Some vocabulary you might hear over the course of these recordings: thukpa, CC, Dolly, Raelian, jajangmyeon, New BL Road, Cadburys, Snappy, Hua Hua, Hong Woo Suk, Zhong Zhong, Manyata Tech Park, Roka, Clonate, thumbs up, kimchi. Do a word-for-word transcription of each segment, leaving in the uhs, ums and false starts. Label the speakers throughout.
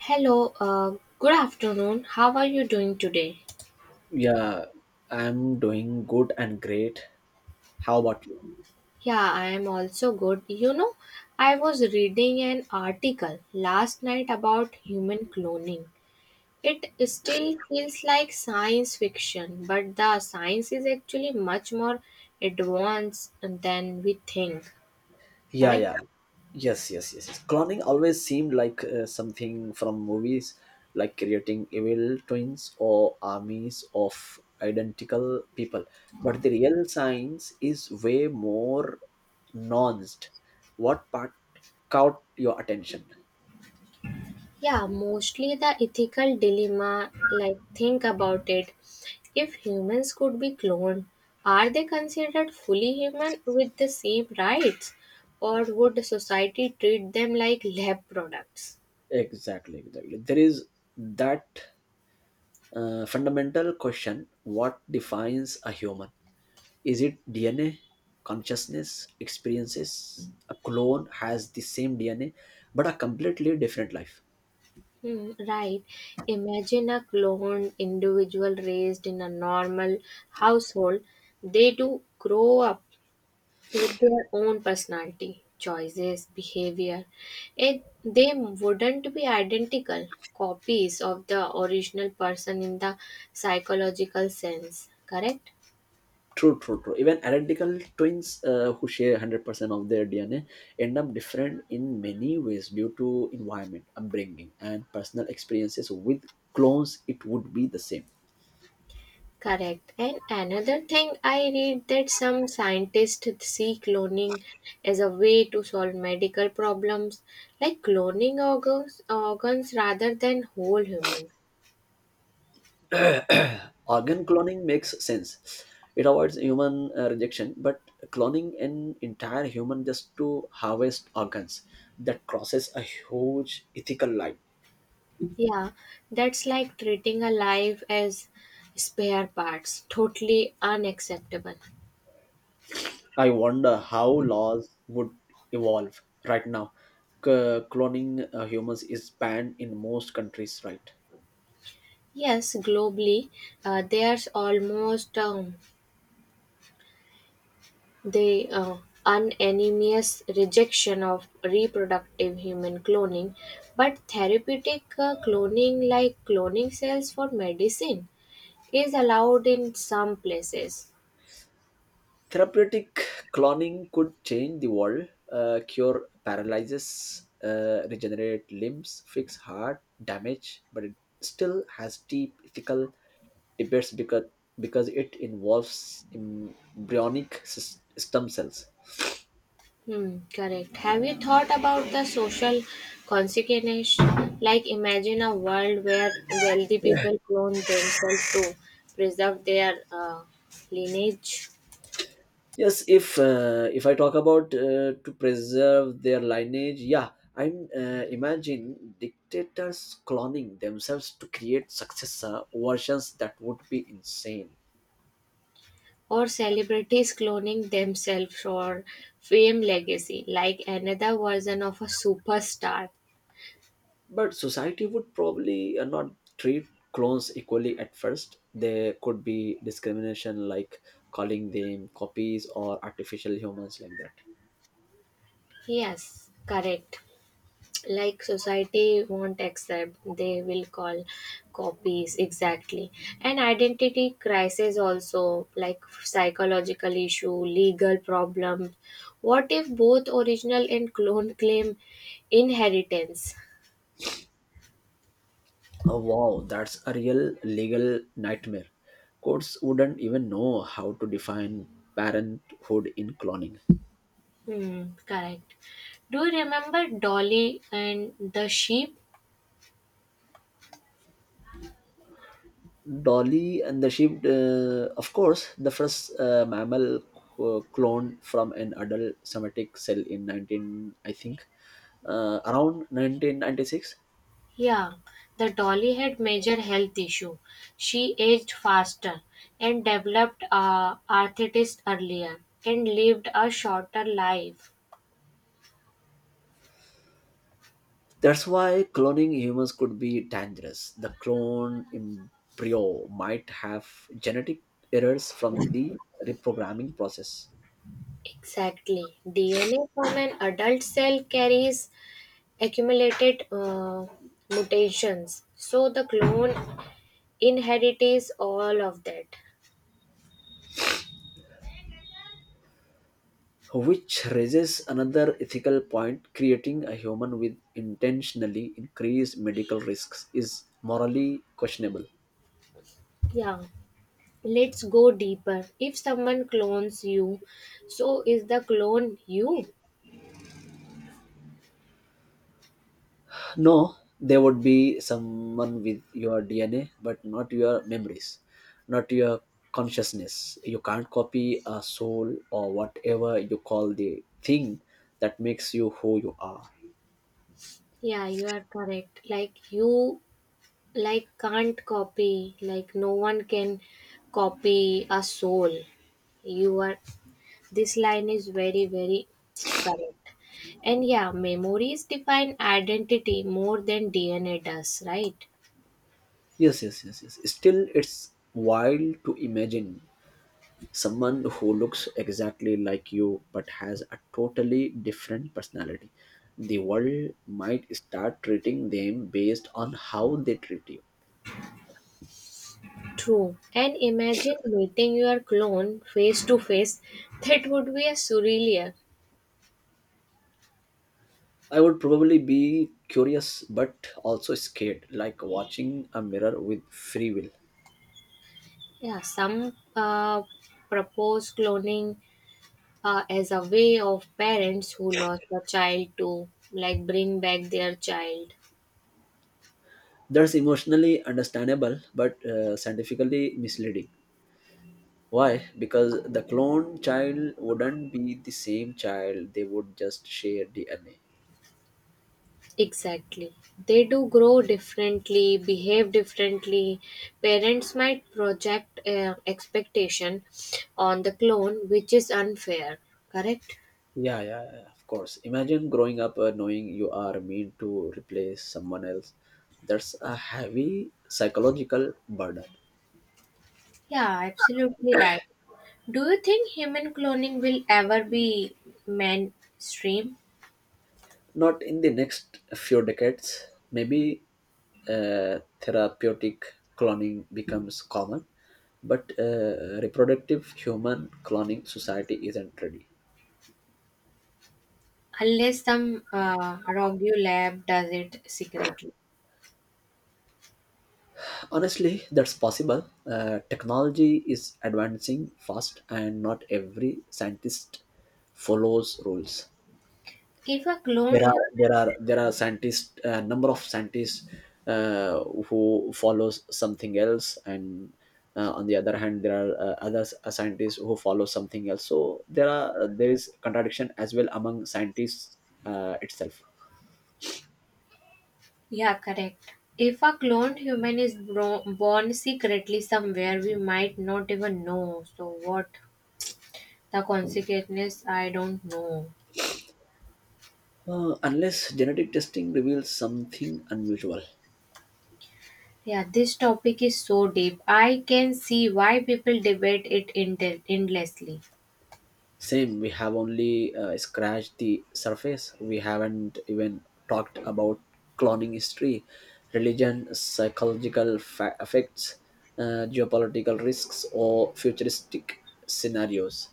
Speaker 1: Hello, uh, good afternoon. How are you doing today?
Speaker 2: Yeah, I'm doing good and great. How about you?
Speaker 1: Yeah, I am also good. You know, I was reading an article last night about human cloning. It still feels like science fiction, but the science is actually much more advanced than we think.
Speaker 2: Yeah,
Speaker 1: Correct?
Speaker 2: yeah. Yes, yes, yes, yes. Cloning always seemed like uh, something from movies, like creating evil twins or armies of identical people. But the real science is way more nuanced. What part caught your attention?
Speaker 1: Yeah, mostly the ethical dilemma. Like, think about it. If humans could be cloned, are they considered fully human with the same rights? Or would the society treat them like lab products?
Speaker 2: Exactly, exactly. There is that uh, fundamental question: what defines a human? Is it D N A, consciousness, experiences? A clone has the same D N A, but a completely different life.
Speaker 1: Hmm, right. Imagine a cloned individual raised in a normal household. They do grow up with their own personality, choices, behavior. It, they wouldn't be identical copies of the original person in the psychological sense, correct?
Speaker 2: True, true, true. Even identical twins uh, who share one hundred percent of their D N A end up different in many ways due to environment, upbringing, and personal experiences. With clones, it would be the same.
Speaker 1: Correct. And another thing I read that some scientists see cloning as a way to solve medical problems, like cloning organs, organs rather than whole humans.
Speaker 2: Organ cloning makes sense. It avoids human uh, rejection, but cloning an entire human just to harvest organs, that crosses a huge ethical line.
Speaker 1: Yeah, that's like treating a life as spare parts. Totally unacceptable.
Speaker 2: I wonder how laws would evolve. Right now, C- cloning uh, humans is banned in most countries, right?
Speaker 1: Yes, globally, uh, there's almost um, the uh, unanimous rejection of reproductive human cloning, but therapeutic uh, cloning, like cloning cells for medicine, is allowed in some places.
Speaker 2: Therapeutic cloning could change the world, uh, cure paralysis, uh, regenerate limbs, fix heart damage, but it still has deep ethical debates because, because it involves embryonic sys- stem cells.
Speaker 1: Hmm, correct. Have you thought about the social consequences? Like, imagine a world where wealthy people clone themselves to preserve their uh, lineage,
Speaker 2: Yes, if uh, if I talk about uh, to preserve their lineage, yeah, I'm uh, imagine dictators cloning themselves to create successor versions that would be insane.
Speaker 1: or celebrities cloning themselves for fame legacy, like another version of a superstar.
Speaker 2: But society would probably uh, not treat clones equally at first. There could be discrimination, like calling them copies or artificial humans, like that.
Speaker 1: Yes, correct. Like society won't accept, they will call copies exactly. And identity crisis also, like psychological issue, legal problem. What if both original and clone claim inheritance?
Speaker 2: Oh wow, that's a real legal nightmare. Courts wouldn't even know how to define parenthood in cloning.
Speaker 1: Hmm, correct. Do you remember Dolly and the sheep?
Speaker 2: Dolly and the sheep, uh, of course, the first uh, mammal uh, cloned from an adult somatic cell in nineteen, I think, uh, around nineteen ninety-six.
Speaker 1: Yeah, the Dolly had major health issue. She aged faster and developed uh, arthritis earlier and lived a shorter life.
Speaker 2: That's why cloning humans could be dangerous. The clone embryo might have genetic errors from the reprogramming process,
Speaker 1: Exactly. D N A from an adult cell carries accumulated uh, mutations. So the clone inherits all of that.
Speaker 2: which raises another ethical point. Creating a human with intentionally increased medical risks is morally questionable.
Speaker 1: Yeah. Let's go deeper. If someone clones you, so is the clone you?
Speaker 2: No, there would be someone with your D N A, but not your memories, not your consciousness. You can't copy a soul or whatever you call the thing that makes you who you are.
Speaker 1: Yeah, you are correct. Like you, like can't copy, like no one can copy a soul. You are, this line is very very correct. And yeah, memories define identity more than DNA does, right?
Speaker 2: Yes, yes, yes, yes. Still, it's wild to imagine someone who looks exactly like you but has a totally different personality. The world might start treating them based on how they treat you.
Speaker 1: True. And imagine meeting your clone face to face. That would be a surreal.
Speaker 2: I would probably be curious but also scared, like watching a mirror with free will.
Speaker 1: Yeah, some uh, propose cloning uh, as a way of parents who lost a child to like bring back their child.
Speaker 2: That's emotionally understandable but uh, scientifically misleading. Why? Because the clone child wouldn't be the same child, they would just share D N A.
Speaker 1: Exactly. They do grow differently, behave differently. Parents might project uh, expectation on the clone, which is unfair. Correct?
Speaker 2: Yeah, yeah, yeah, of course. Imagine growing up uh, knowing you are meant to replace someone else. That's a heavy psychological burden.
Speaker 1: Yeah, absolutely right. Do you think human cloning will ever be mainstream?
Speaker 2: Not in the next few decades, maybe uh, therapeutic cloning becomes common, but uh, reproductive human cloning society isn't ready.
Speaker 1: Unless some uh, rogue lab does it secretly.
Speaker 2: Honestly, that's possible. Uh, technology is advancing fast, and not every scientist follows rules.
Speaker 1: If a cloned
Speaker 2: there are there
Speaker 1: human
Speaker 2: are there are scientists, a number of scientists uh, who follows something else, and uh, on the other hand there are uh, other s- uh, scientists who follow something else, so there are uh, there is contradiction as well among scientists uh, itself.
Speaker 1: Yeah, correct. If a cloned human is bro- born secretly somewhere, we might not even know. So, what the consequences, I don't know.
Speaker 2: Uh, unless genetic testing reveals something unusual.
Speaker 1: Yeah, this topic is so deep. I can see why people debate it end- endlessly.
Speaker 2: Same, we have only uh, scratched the surface. We haven't even talked about cloning history, religion, psychological fa- effects, uh, geopolitical risks, or futuristic scenarios.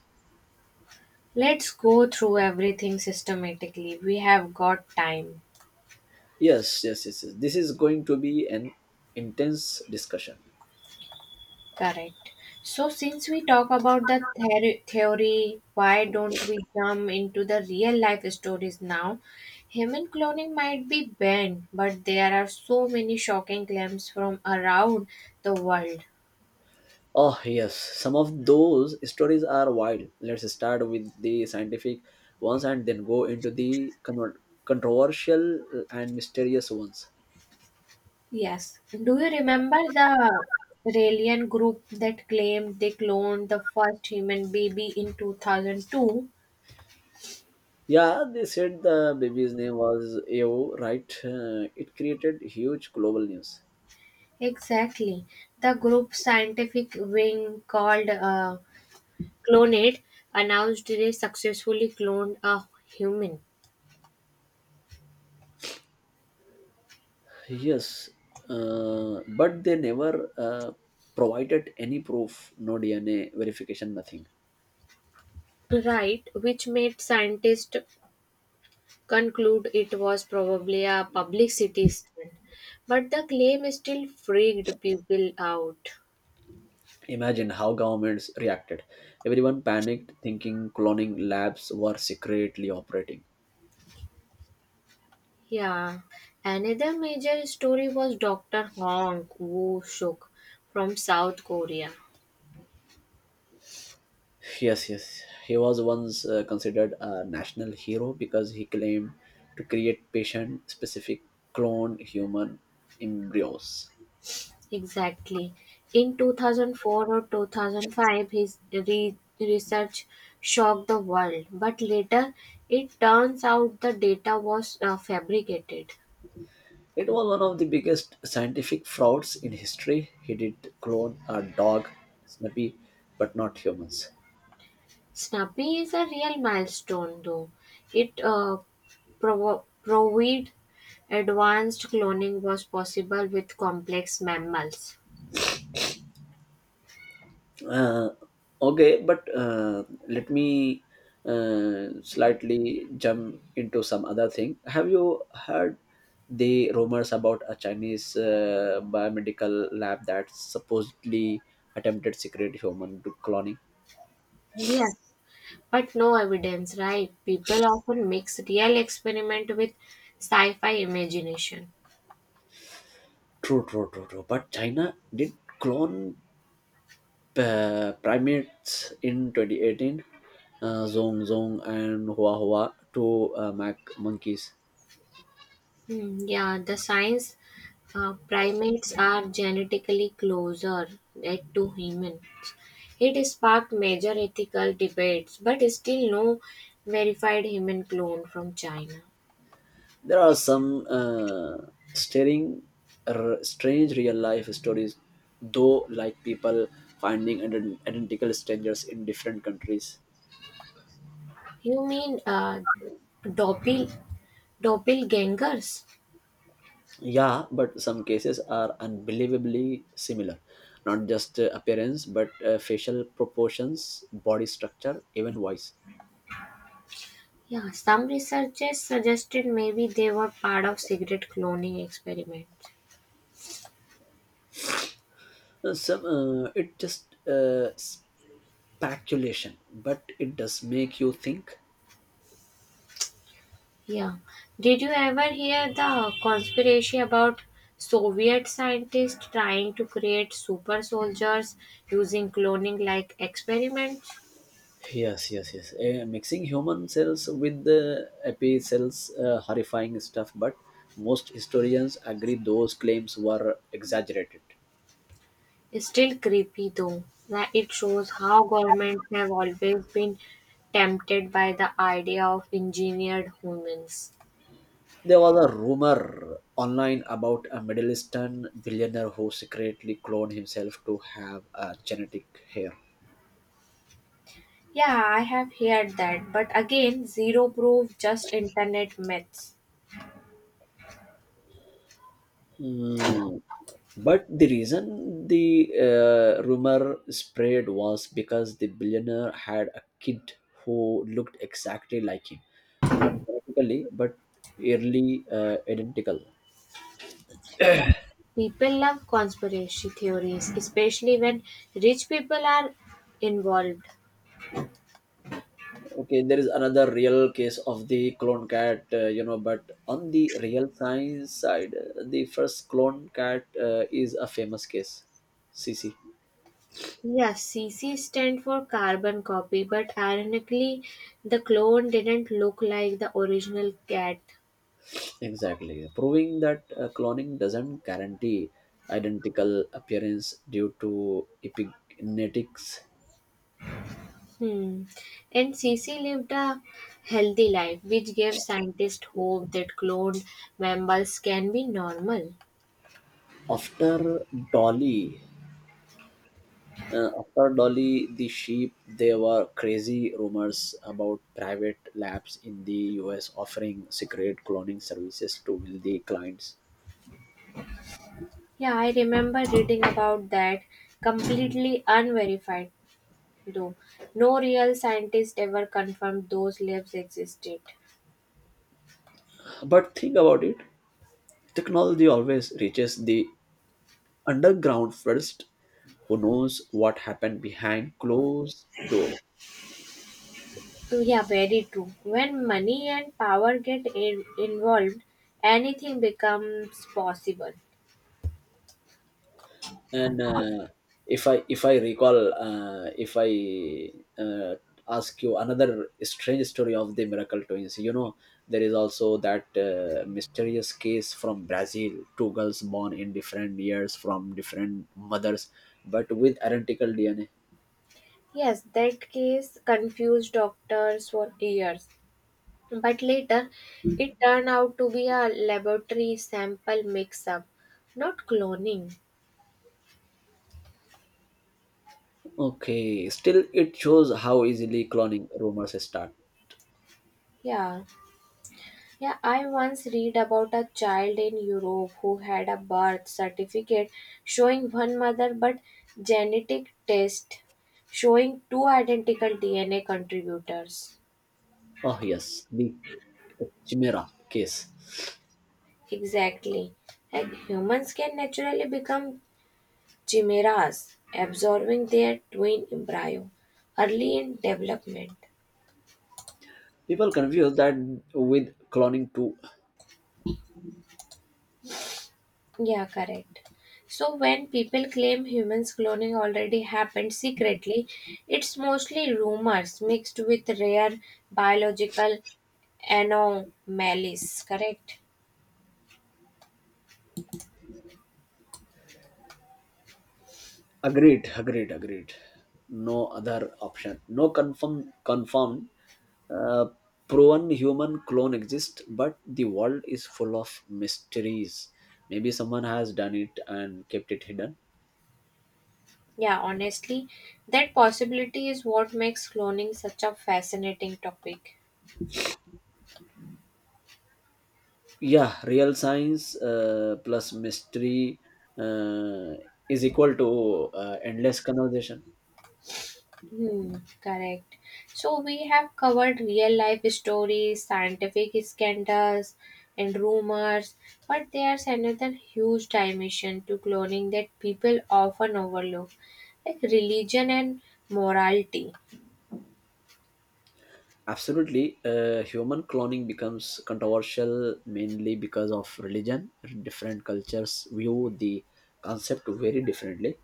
Speaker 1: Let's go through everything systematically. We have got time.
Speaker 2: Yes, yes, yes, yes. This is going to be an intense discussion.
Speaker 1: Correct. So, since we talk about the ther- theory, why don't we jump into the real life stories now? Human cloning might be banned, but there are so many shocking claims from around the world.
Speaker 2: Oh, yes, some of those stories are wild. Let's start with the scientific ones and then go into the con- controversial and mysterious ones.
Speaker 1: Yes. Do you remember the Raelian group that claimed they cloned the first human baby in two thousand two?
Speaker 2: Yeah, they said the baby's name was A O, right? Uh, it created huge global news.
Speaker 1: Exactly. The group scientific wing called uh, Clonate announced they successfully cloned a human,
Speaker 2: Yes, uh, but they never uh, provided any proof, no D N A verification, nothing.
Speaker 1: right, which made scientists conclude it was probably a publicity stunt. But the claim still freaked people out.
Speaker 2: Imagine how governments reacted. Everyone panicked, thinking cloning labs were secretly operating.
Speaker 1: Yeah. Another major story was doctor Hong Woo Suk from South Korea.
Speaker 2: Yes, yes. He was once uh, considered a national hero because he claimed to create patient specific clone human embryos.
Speaker 1: Exactly. In two thousand four or two thousand five, his re- research shocked the world, but later it turns out the data was uh, fabricated.
Speaker 2: It was one of the biggest scientific frauds in history. He did clone a dog, Snappy, but not humans.
Speaker 1: Snappy is a real milestone, though. It uh, provo- proved advanced cloning was possible with complex mammals.
Speaker 2: Uh, okay, but uh, let me uh, slightly jump into some other thing. Have you heard the rumors about a Chinese uh, biomedical lab that supposedly attempted secret human cloning?
Speaker 1: Yes, but no evidence, right? People often mix real experiment with sci fi imagination.
Speaker 2: True, true, true, true. But China did clone uh, primates in twenty eighteen, uh, Zong Zong and Hua Hua, to uh, mac monkeys.
Speaker 1: Hmm, yeah, the science uh, primates are genetically closer eh, to humans. It sparked major ethical debates, but still no verified human clone from China.
Speaker 2: There are some uh, stirring, r- strange real life stories though, like people finding ident- identical strangers in different countries.
Speaker 1: You mean uh, doppel, doppelgangers?
Speaker 2: Yeah, but some cases are unbelievably similar, not just uh, appearance but uh, facial proportions, body structure, even voice.
Speaker 1: Yeah, some researchers suggested maybe they were part of cigarette cloning experiments.
Speaker 2: Uh, some, uh, it just uh, s- speculation, but it does make you think.
Speaker 1: Yeah. Did you ever hear the conspiracy about Soviet scientists trying to create super soldiers using cloning like experiments?
Speaker 2: Yes, yes, yes. Uh, mixing human cells with the api cells, uh, horrifying stuff. But most historians agree those claims were exaggerated.
Speaker 1: It's still creepy though. Like it shows how governments have always been tempted by the idea of engineered humans.
Speaker 2: There was a rumor online about a Middle Eastern billionaire who secretly cloned himself to have a genetic hair.
Speaker 1: Yeah, I have heard that, but again, zero proof, just internet myths.
Speaker 2: Mm. But the reason the uh, rumor spread was because the billionaire had a kid who looked exactly like him, not genetically, but eerily uh, identical.
Speaker 1: People love conspiracy theories, especially when rich people are involved.
Speaker 2: Okay, there is another real case of the clone cat, uh, you know, but on the real science side, uh, the first clone cat uh, is a famous case, C C.
Speaker 1: Yeah, C C stand for carbon copy, but ironically, the clone didn't look like the original cat.
Speaker 2: Exactly. Proving that uh, cloning doesn't guarantee identical appearance due to epigenetics.
Speaker 1: Hmm. And C C lived a healthy life, which gave scientists hope that cloned mammals can be normal.
Speaker 2: After Dolly, uh, after Dolly the sheep, there were crazy rumors about private labs in the U S offering secret cloning services to wealthy clients.
Speaker 1: Yeah, I remember reading about that, completely unverified. No, no real scientist ever confirmed those lives existed.
Speaker 2: But think about it. Technology always reaches the underground first. Who knows what happened behind closed doors?
Speaker 1: So yeah, very true. When money and power get in- involved, anything becomes possible.
Speaker 2: and uh, if i if i recall, uh, if I, uh, ask you another strange story of the miracle twins you know There is also that uh, mysterious case from Brazil: two girls born in different years from different mothers but with identical DNA.
Speaker 1: Yes, that case confused doctors for years, but later it turned out to be a laboratory sample mix-up, not cloning.
Speaker 2: Okay, still it shows how easily cloning rumors start.
Speaker 1: Yeah. Yeah, I once read about a child in Europe who had a birth certificate showing one mother but genetic test showing two identical D N A contributors.
Speaker 2: Oh yes, the chimera case.
Speaker 1: Exactly. Like humans can naturally become chimeras, absorbing their twin embryo early in development.
Speaker 2: People confuse that with cloning too.
Speaker 1: Yeah, correct. So when people claim humans cloning already happened secretly, it's mostly rumors mixed with rare biological anomalies, correct?
Speaker 2: Agreed, agreed, agreed. No other option. No confirm, confirmed, uh, proven human clone exists, but the world is full of mysteries. Maybe someone has done it and kept it hidden.
Speaker 1: Yeah, honestly, that possibility is what makes cloning such a fascinating topic.
Speaker 2: Yeah, real science uh, plus mystery uh, is equal to uh, endless conversation.
Speaker 1: Hmm, correct. So we have covered real life stories, scientific scandals, and rumors, but there's another huge dimension to cloning that people often overlook, like religion and morality.
Speaker 2: Absolutely. Uh, human cloning becomes controversial mainly because of religion. Different cultures view the concept very differently.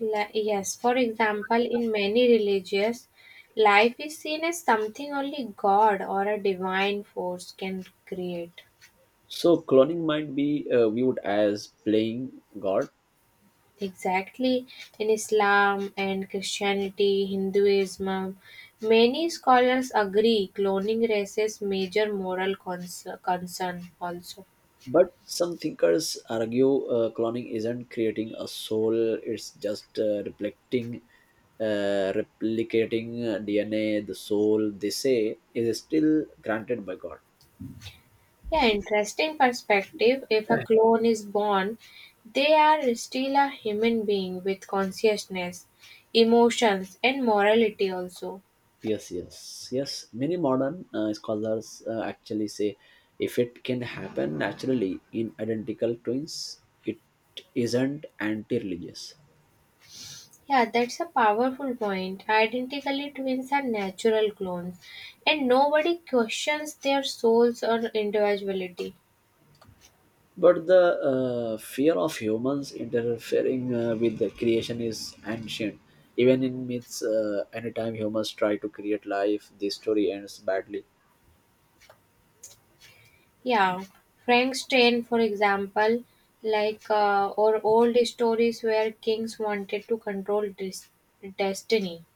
Speaker 1: Li- yes, for example, in many religious life is seen as something only God or a divine force can create.
Speaker 2: So, cloning might be uh, viewed as playing God,
Speaker 1: Exactly. In Islam and Christianity, Hinduism, many scholars agree cloning raises major moral cons- concern also.
Speaker 2: but some thinkers argue uh, cloning isn't creating a soul, it's just uh, reflecting. Uh, replicating uh, D N A, the soul, they say, is still granted by God.
Speaker 1: Yeah, interesting perspective. If a clone is born, they are still a human being with consciousness, emotions, and morality also.
Speaker 2: Yes, yes, yes. Many modern uh, scholars uh, actually say if it can happen naturally in identical twins, it isn't anti religious.
Speaker 1: Yeah, that's a powerful point. Identically twins are natural clones, and nobody questions their souls or individuality.
Speaker 2: But the uh, fear of humans interfering uh, with the creation is ancient. Even in myths, uh, anytime humans try to create life, the story ends badly.
Speaker 1: Yeah, Frank's train, for example, like uh, or old stories where kings wanted to control dis- destiny.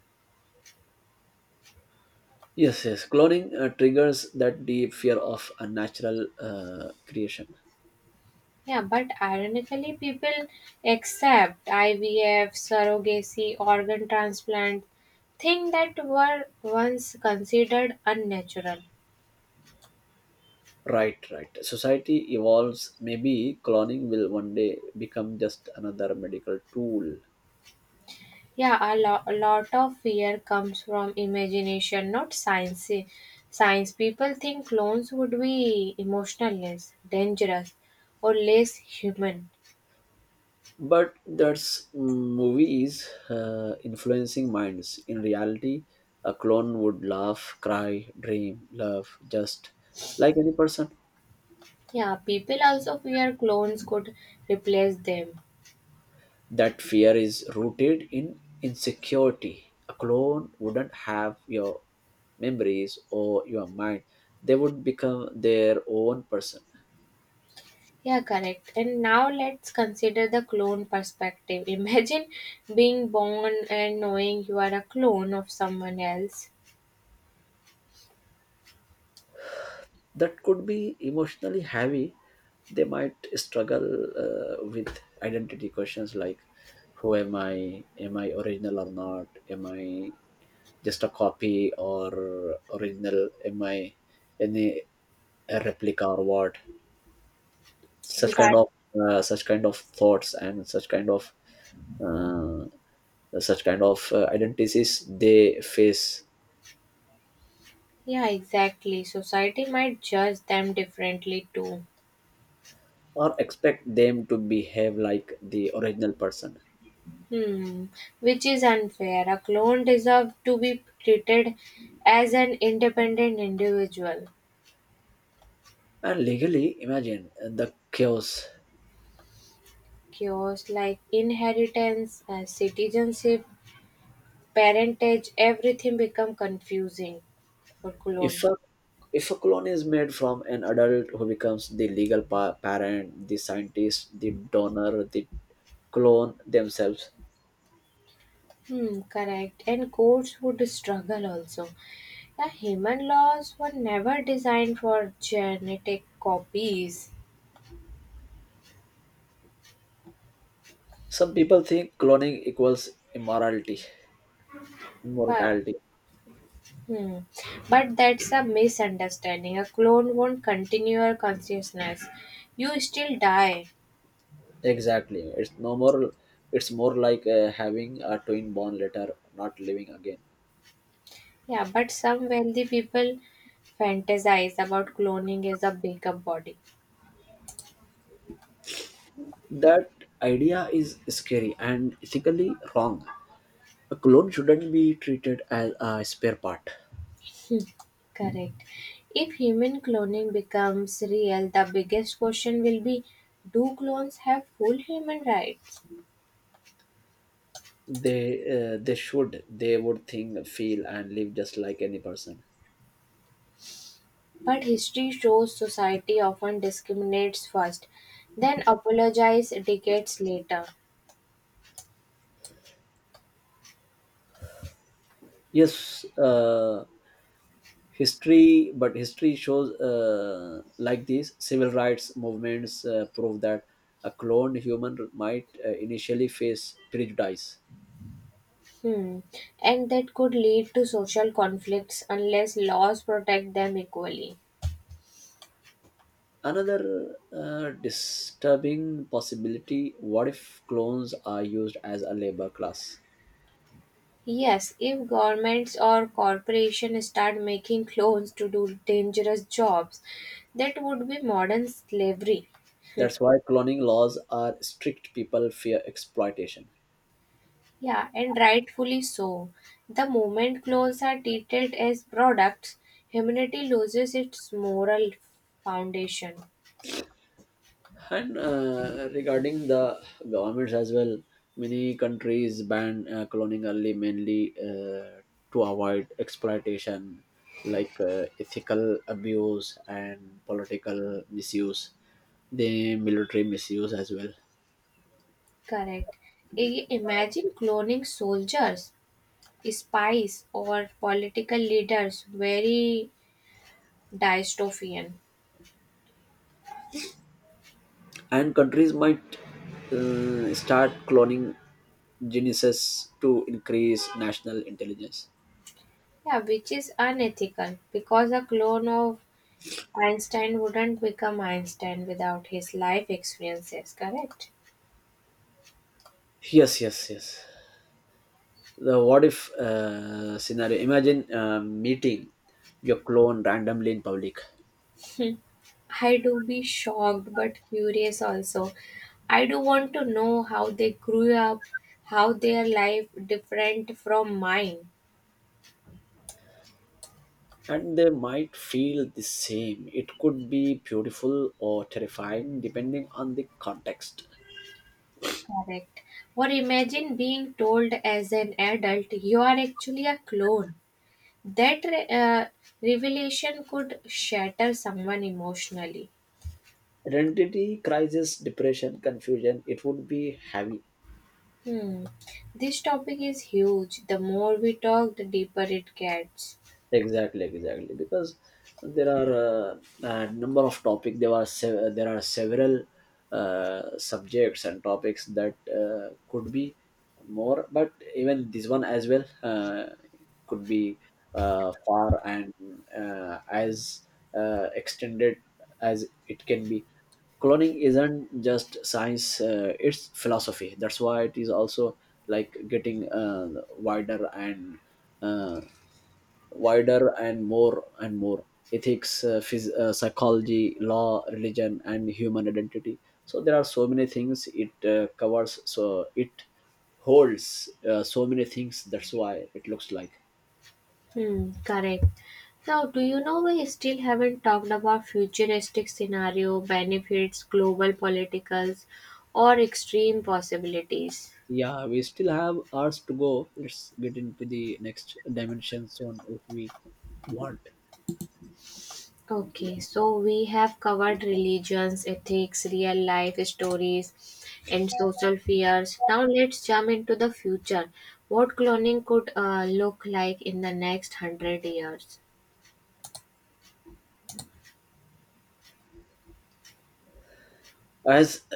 Speaker 2: Yes, yes. Cloning uh, triggers that deep fear of unnatural uh, creation.
Speaker 1: Yeah, but ironically, people accept I V F, surrogacy, organ transplant, things that were once considered unnatural.
Speaker 2: Right, right. Society evolves. Maybe cloning will one day become just another medical tool.
Speaker 1: Yeah, a, lo- a lot of fear comes from imagination, not science. Science people think clones would be emotionless, dangerous, or less human.
Speaker 2: But that's mm, movies uh, influencing minds. In reality, a clone would laugh, cry, dream, love, just like any person.
Speaker 1: Yeah, people also fear clones could replace them.
Speaker 2: That fear is rooted in insecurity. A clone wouldn't have your memories or your mind, they would become their own person.
Speaker 1: Yeah, correct. And now let's consider the clone perspective. Imagine being born and knowing you are a clone of someone else.
Speaker 2: That could be emotionally heavy. They might struggle uh, with identity questions, like: who am I, am I original or not, am I just a copy or original, am I any a replica or what, such kind
Speaker 1: Exactly.
Speaker 2: of uh, such kind of thoughts and such kind of uh, such kind of uh, identities they face.
Speaker 1: Yeah, exactly. Society might judge them differently too.
Speaker 2: Or expect them to behave like the original person.
Speaker 1: Hmm, which is unfair. A clone deserves to be treated as an independent individual.
Speaker 2: And legally, imagine uh, the chaos.
Speaker 1: Cures like inheritance, uh, citizenship, parentage, everything become confusing for
Speaker 2: If
Speaker 1: clone.
Speaker 2: a if a clone is made from an adult, who becomes the legal pa- parent, the scientist, the donor, the clone themselves?
Speaker 1: Hmm, correct. And courts would struggle also. The human laws were never designed for genetic copies.
Speaker 2: Some people think cloning equals immorality.
Speaker 1: But
Speaker 2: Immortality.
Speaker 1: hmm. But that's a misunderstanding. A clone won't continue your consciousness. You still die.
Speaker 2: Exactly. It's no more. It's more like uh, having a twin born later, not living again.
Speaker 1: Yeah, but some wealthy people fantasize about cloning as a bigger body.
Speaker 2: That idea is scary and ethically wrong. A clone shouldn't be treated as a spare part.
Speaker 1: Correct. If human cloning becomes real, the biggest question will be, do clones have full human rights?
Speaker 2: they uh, they should they would think, feel and live just like any person.
Speaker 1: But history shows society often discriminates first, then apologizes decades later.
Speaker 2: Yes, uh, history but history shows, uh, like these civil rights movements uh, prove that a cloned human might uh, initially face prejudice.
Speaker 1: Hmm. And that could lead to social conflicts unless laws protect them equally.
Speaker 2: Another uh, disturbing possibility: what if clones are used as a labor class?
Speaker 1: Yes, if governments or corporations start making clones to do dangerous jobs, that would be modern slavery.
Speaker 2: That's why cloning laws are strict. People fear exploitation.
Speaker 1: Yeah, and rightfully so. The moment clones are treated as products, humanity loses its moral foundation.
Speaker 2: And uh, regarding the governments as well, many countries ban uh, cloning early, mainly uh, to avoid exploitation, like uh, ethical abuse and political misuse, the military misuse as well.
Speaker 1: Correct. I- Imagine cloning soldiers, spies or political leaders, very dystopian.
Speaker 2: And countries might uh, start cloning geniuses to increase national intelligence.
Speaker 1: Yeah, which is unethical because a clone of Einstein wouldn't become Einstein without his life experiences, correct?
Speaker 2: Yes, yes, yes. The what if uh, scenario: imagine uh, meeting your clone randomly in public.
Speaker 1: I do be shocked but curious also. I do want to know how they grew up, how their life different from mine.
Speaker 2: And they might feel the same. It could be beautiful or terrifying depending on the context.
Speaker 1: Correct. Or imagine being told as an adult you are actually a clone. That re- uh, revelation could shatter someone emotionally.
Speaker 2: Identity crisis, depression, confusion, it would be heavy.
Speaker 1: Hmm. This topic is huge. The more we talk, the deeper it gets.
Speaker 2: Exactly, exactly, because there are uh, a number of topic, there are se- there are several uh, subjects and topics that uh, could be more, but even this one as well uh, could be uh, far and uh, as uh, extended as it can be. Cloning isn't just science, uh, it's philosophy. That's why it is also like getting uh, wider and uh, wider and more and more: ethics, uh, phys- uh, psychology, law, religion and human identity. So there are so many things it uh, covers, so it holds uh, so many things, that's why it looks like.
Speaker 1: Hmm, correct. So, do you know we still haven't talked about futuristic scenario, benefits, global politicals, or extreme possibilities?
Speaker 2: Yeah, we still have hours to go. Let's get into the next dimension soon if we want.
Speaker 1: Okay, so we have covered religions, ethics, real life stories, and social fears. Now let's jump into the future. What cloning could uh, look like in the next hundred years?
Speaker 2: As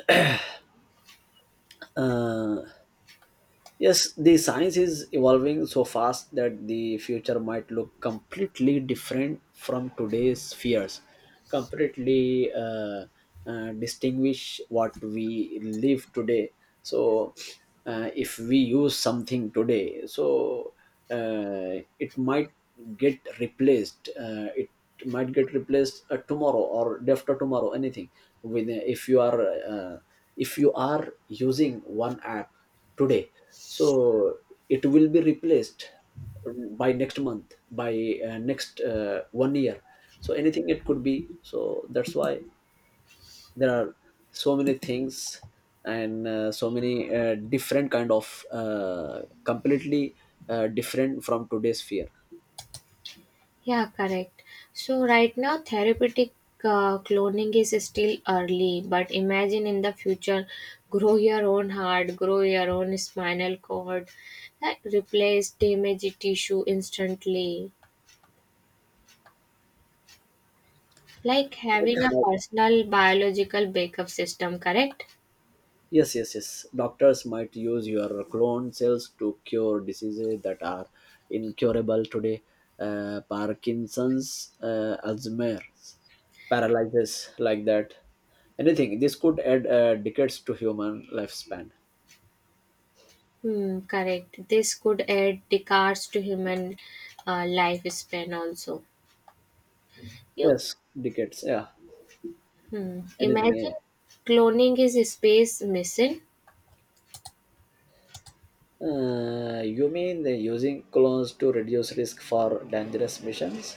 Speaker 2: uh, Yes, the science is evolving so fast that the future might look completely different from today's fears, completely uh, uh, distinguish what we live today. So, uh, if we use something today, so uh, it might get replaced. Uh, it might get replaced uh, tomorrow or day after tomorrow. Anything. With if you are uh, if you are using one app today, so it will be replaced by next month, by uh, next uh, one year, so anything, it could be, so that's why there are so many things and uh, so many uh, different kind of uh, completely uh, different from today's fear.
Speaker 1: Yeah, correct. So right now, therapeutic uh, cloning is still early, but imagine in the future, grow your own heart, grow your own spinal cord, like, replace damaged tissue instantly. Like having a personal biological backup system, correct?
Speaker 2: Yes, yes, yes. Doctors might use your clone cells to cure diseases that are incurable today. Uh, Parkinson's, uh, Alzheimer's, paralysis, like that. Anything. This could add uh, decades to human lifespan.
Speaker 1: Hmm, correct. This could add decades to human uh, lifespan also. You
Speaker 2: Yes, decades. Yeah,
Speaker 1: hmm,
Speaker 2: anything.
Speaker 1: imagine
Speaker 2: Yeah.
Speaker 1: cloning is a space mission.
Speaker 2: Yeah. Uh, you mean they're using clones to reduce risk for dangerous missions?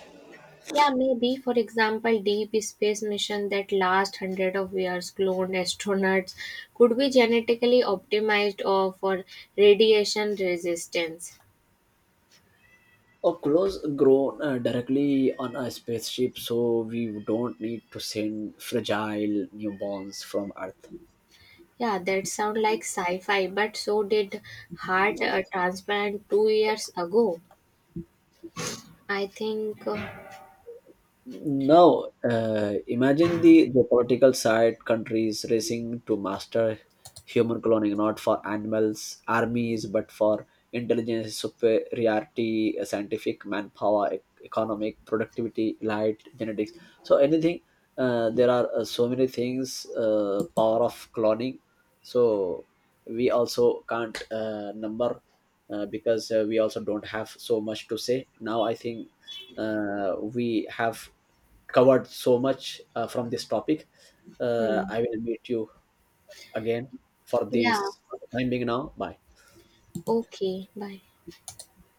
Speaker 1: Yeah, maybe. For example, deep space mission that last hundred of years cloned astronauts could be genetically optimized or for radiation resistance.
Speaker 2: A clothes grown uh, directly on a spaceship, so we don't need to send fragile newborns from Earth.
Speaker 1: Yeah, that sound like sci-fi, but so did heart uh, transplant two years ago. I think. Uh,
Speaker 2: Now, uh, imagine the geopolitical side, countries racing to master human cloning, not for animals, armies, but for intelligence, superiority, uh, scientific manpower, e- economic productivity, light, genetics. So, anything, uh, there are uh, so many things, uh, power of cloning. So, we also can't uh, number uh, because uh, we also don't have so much to say. Now, I think uh, we have covered so much uh, from this topic. Uh,
Speaker 1: hmm.
Speaker 2: I will meet you again for
Speaker 1: Yeah.
Speaker 2: this, for the time being now. Bye.
Speaker 1: Okay. Bye.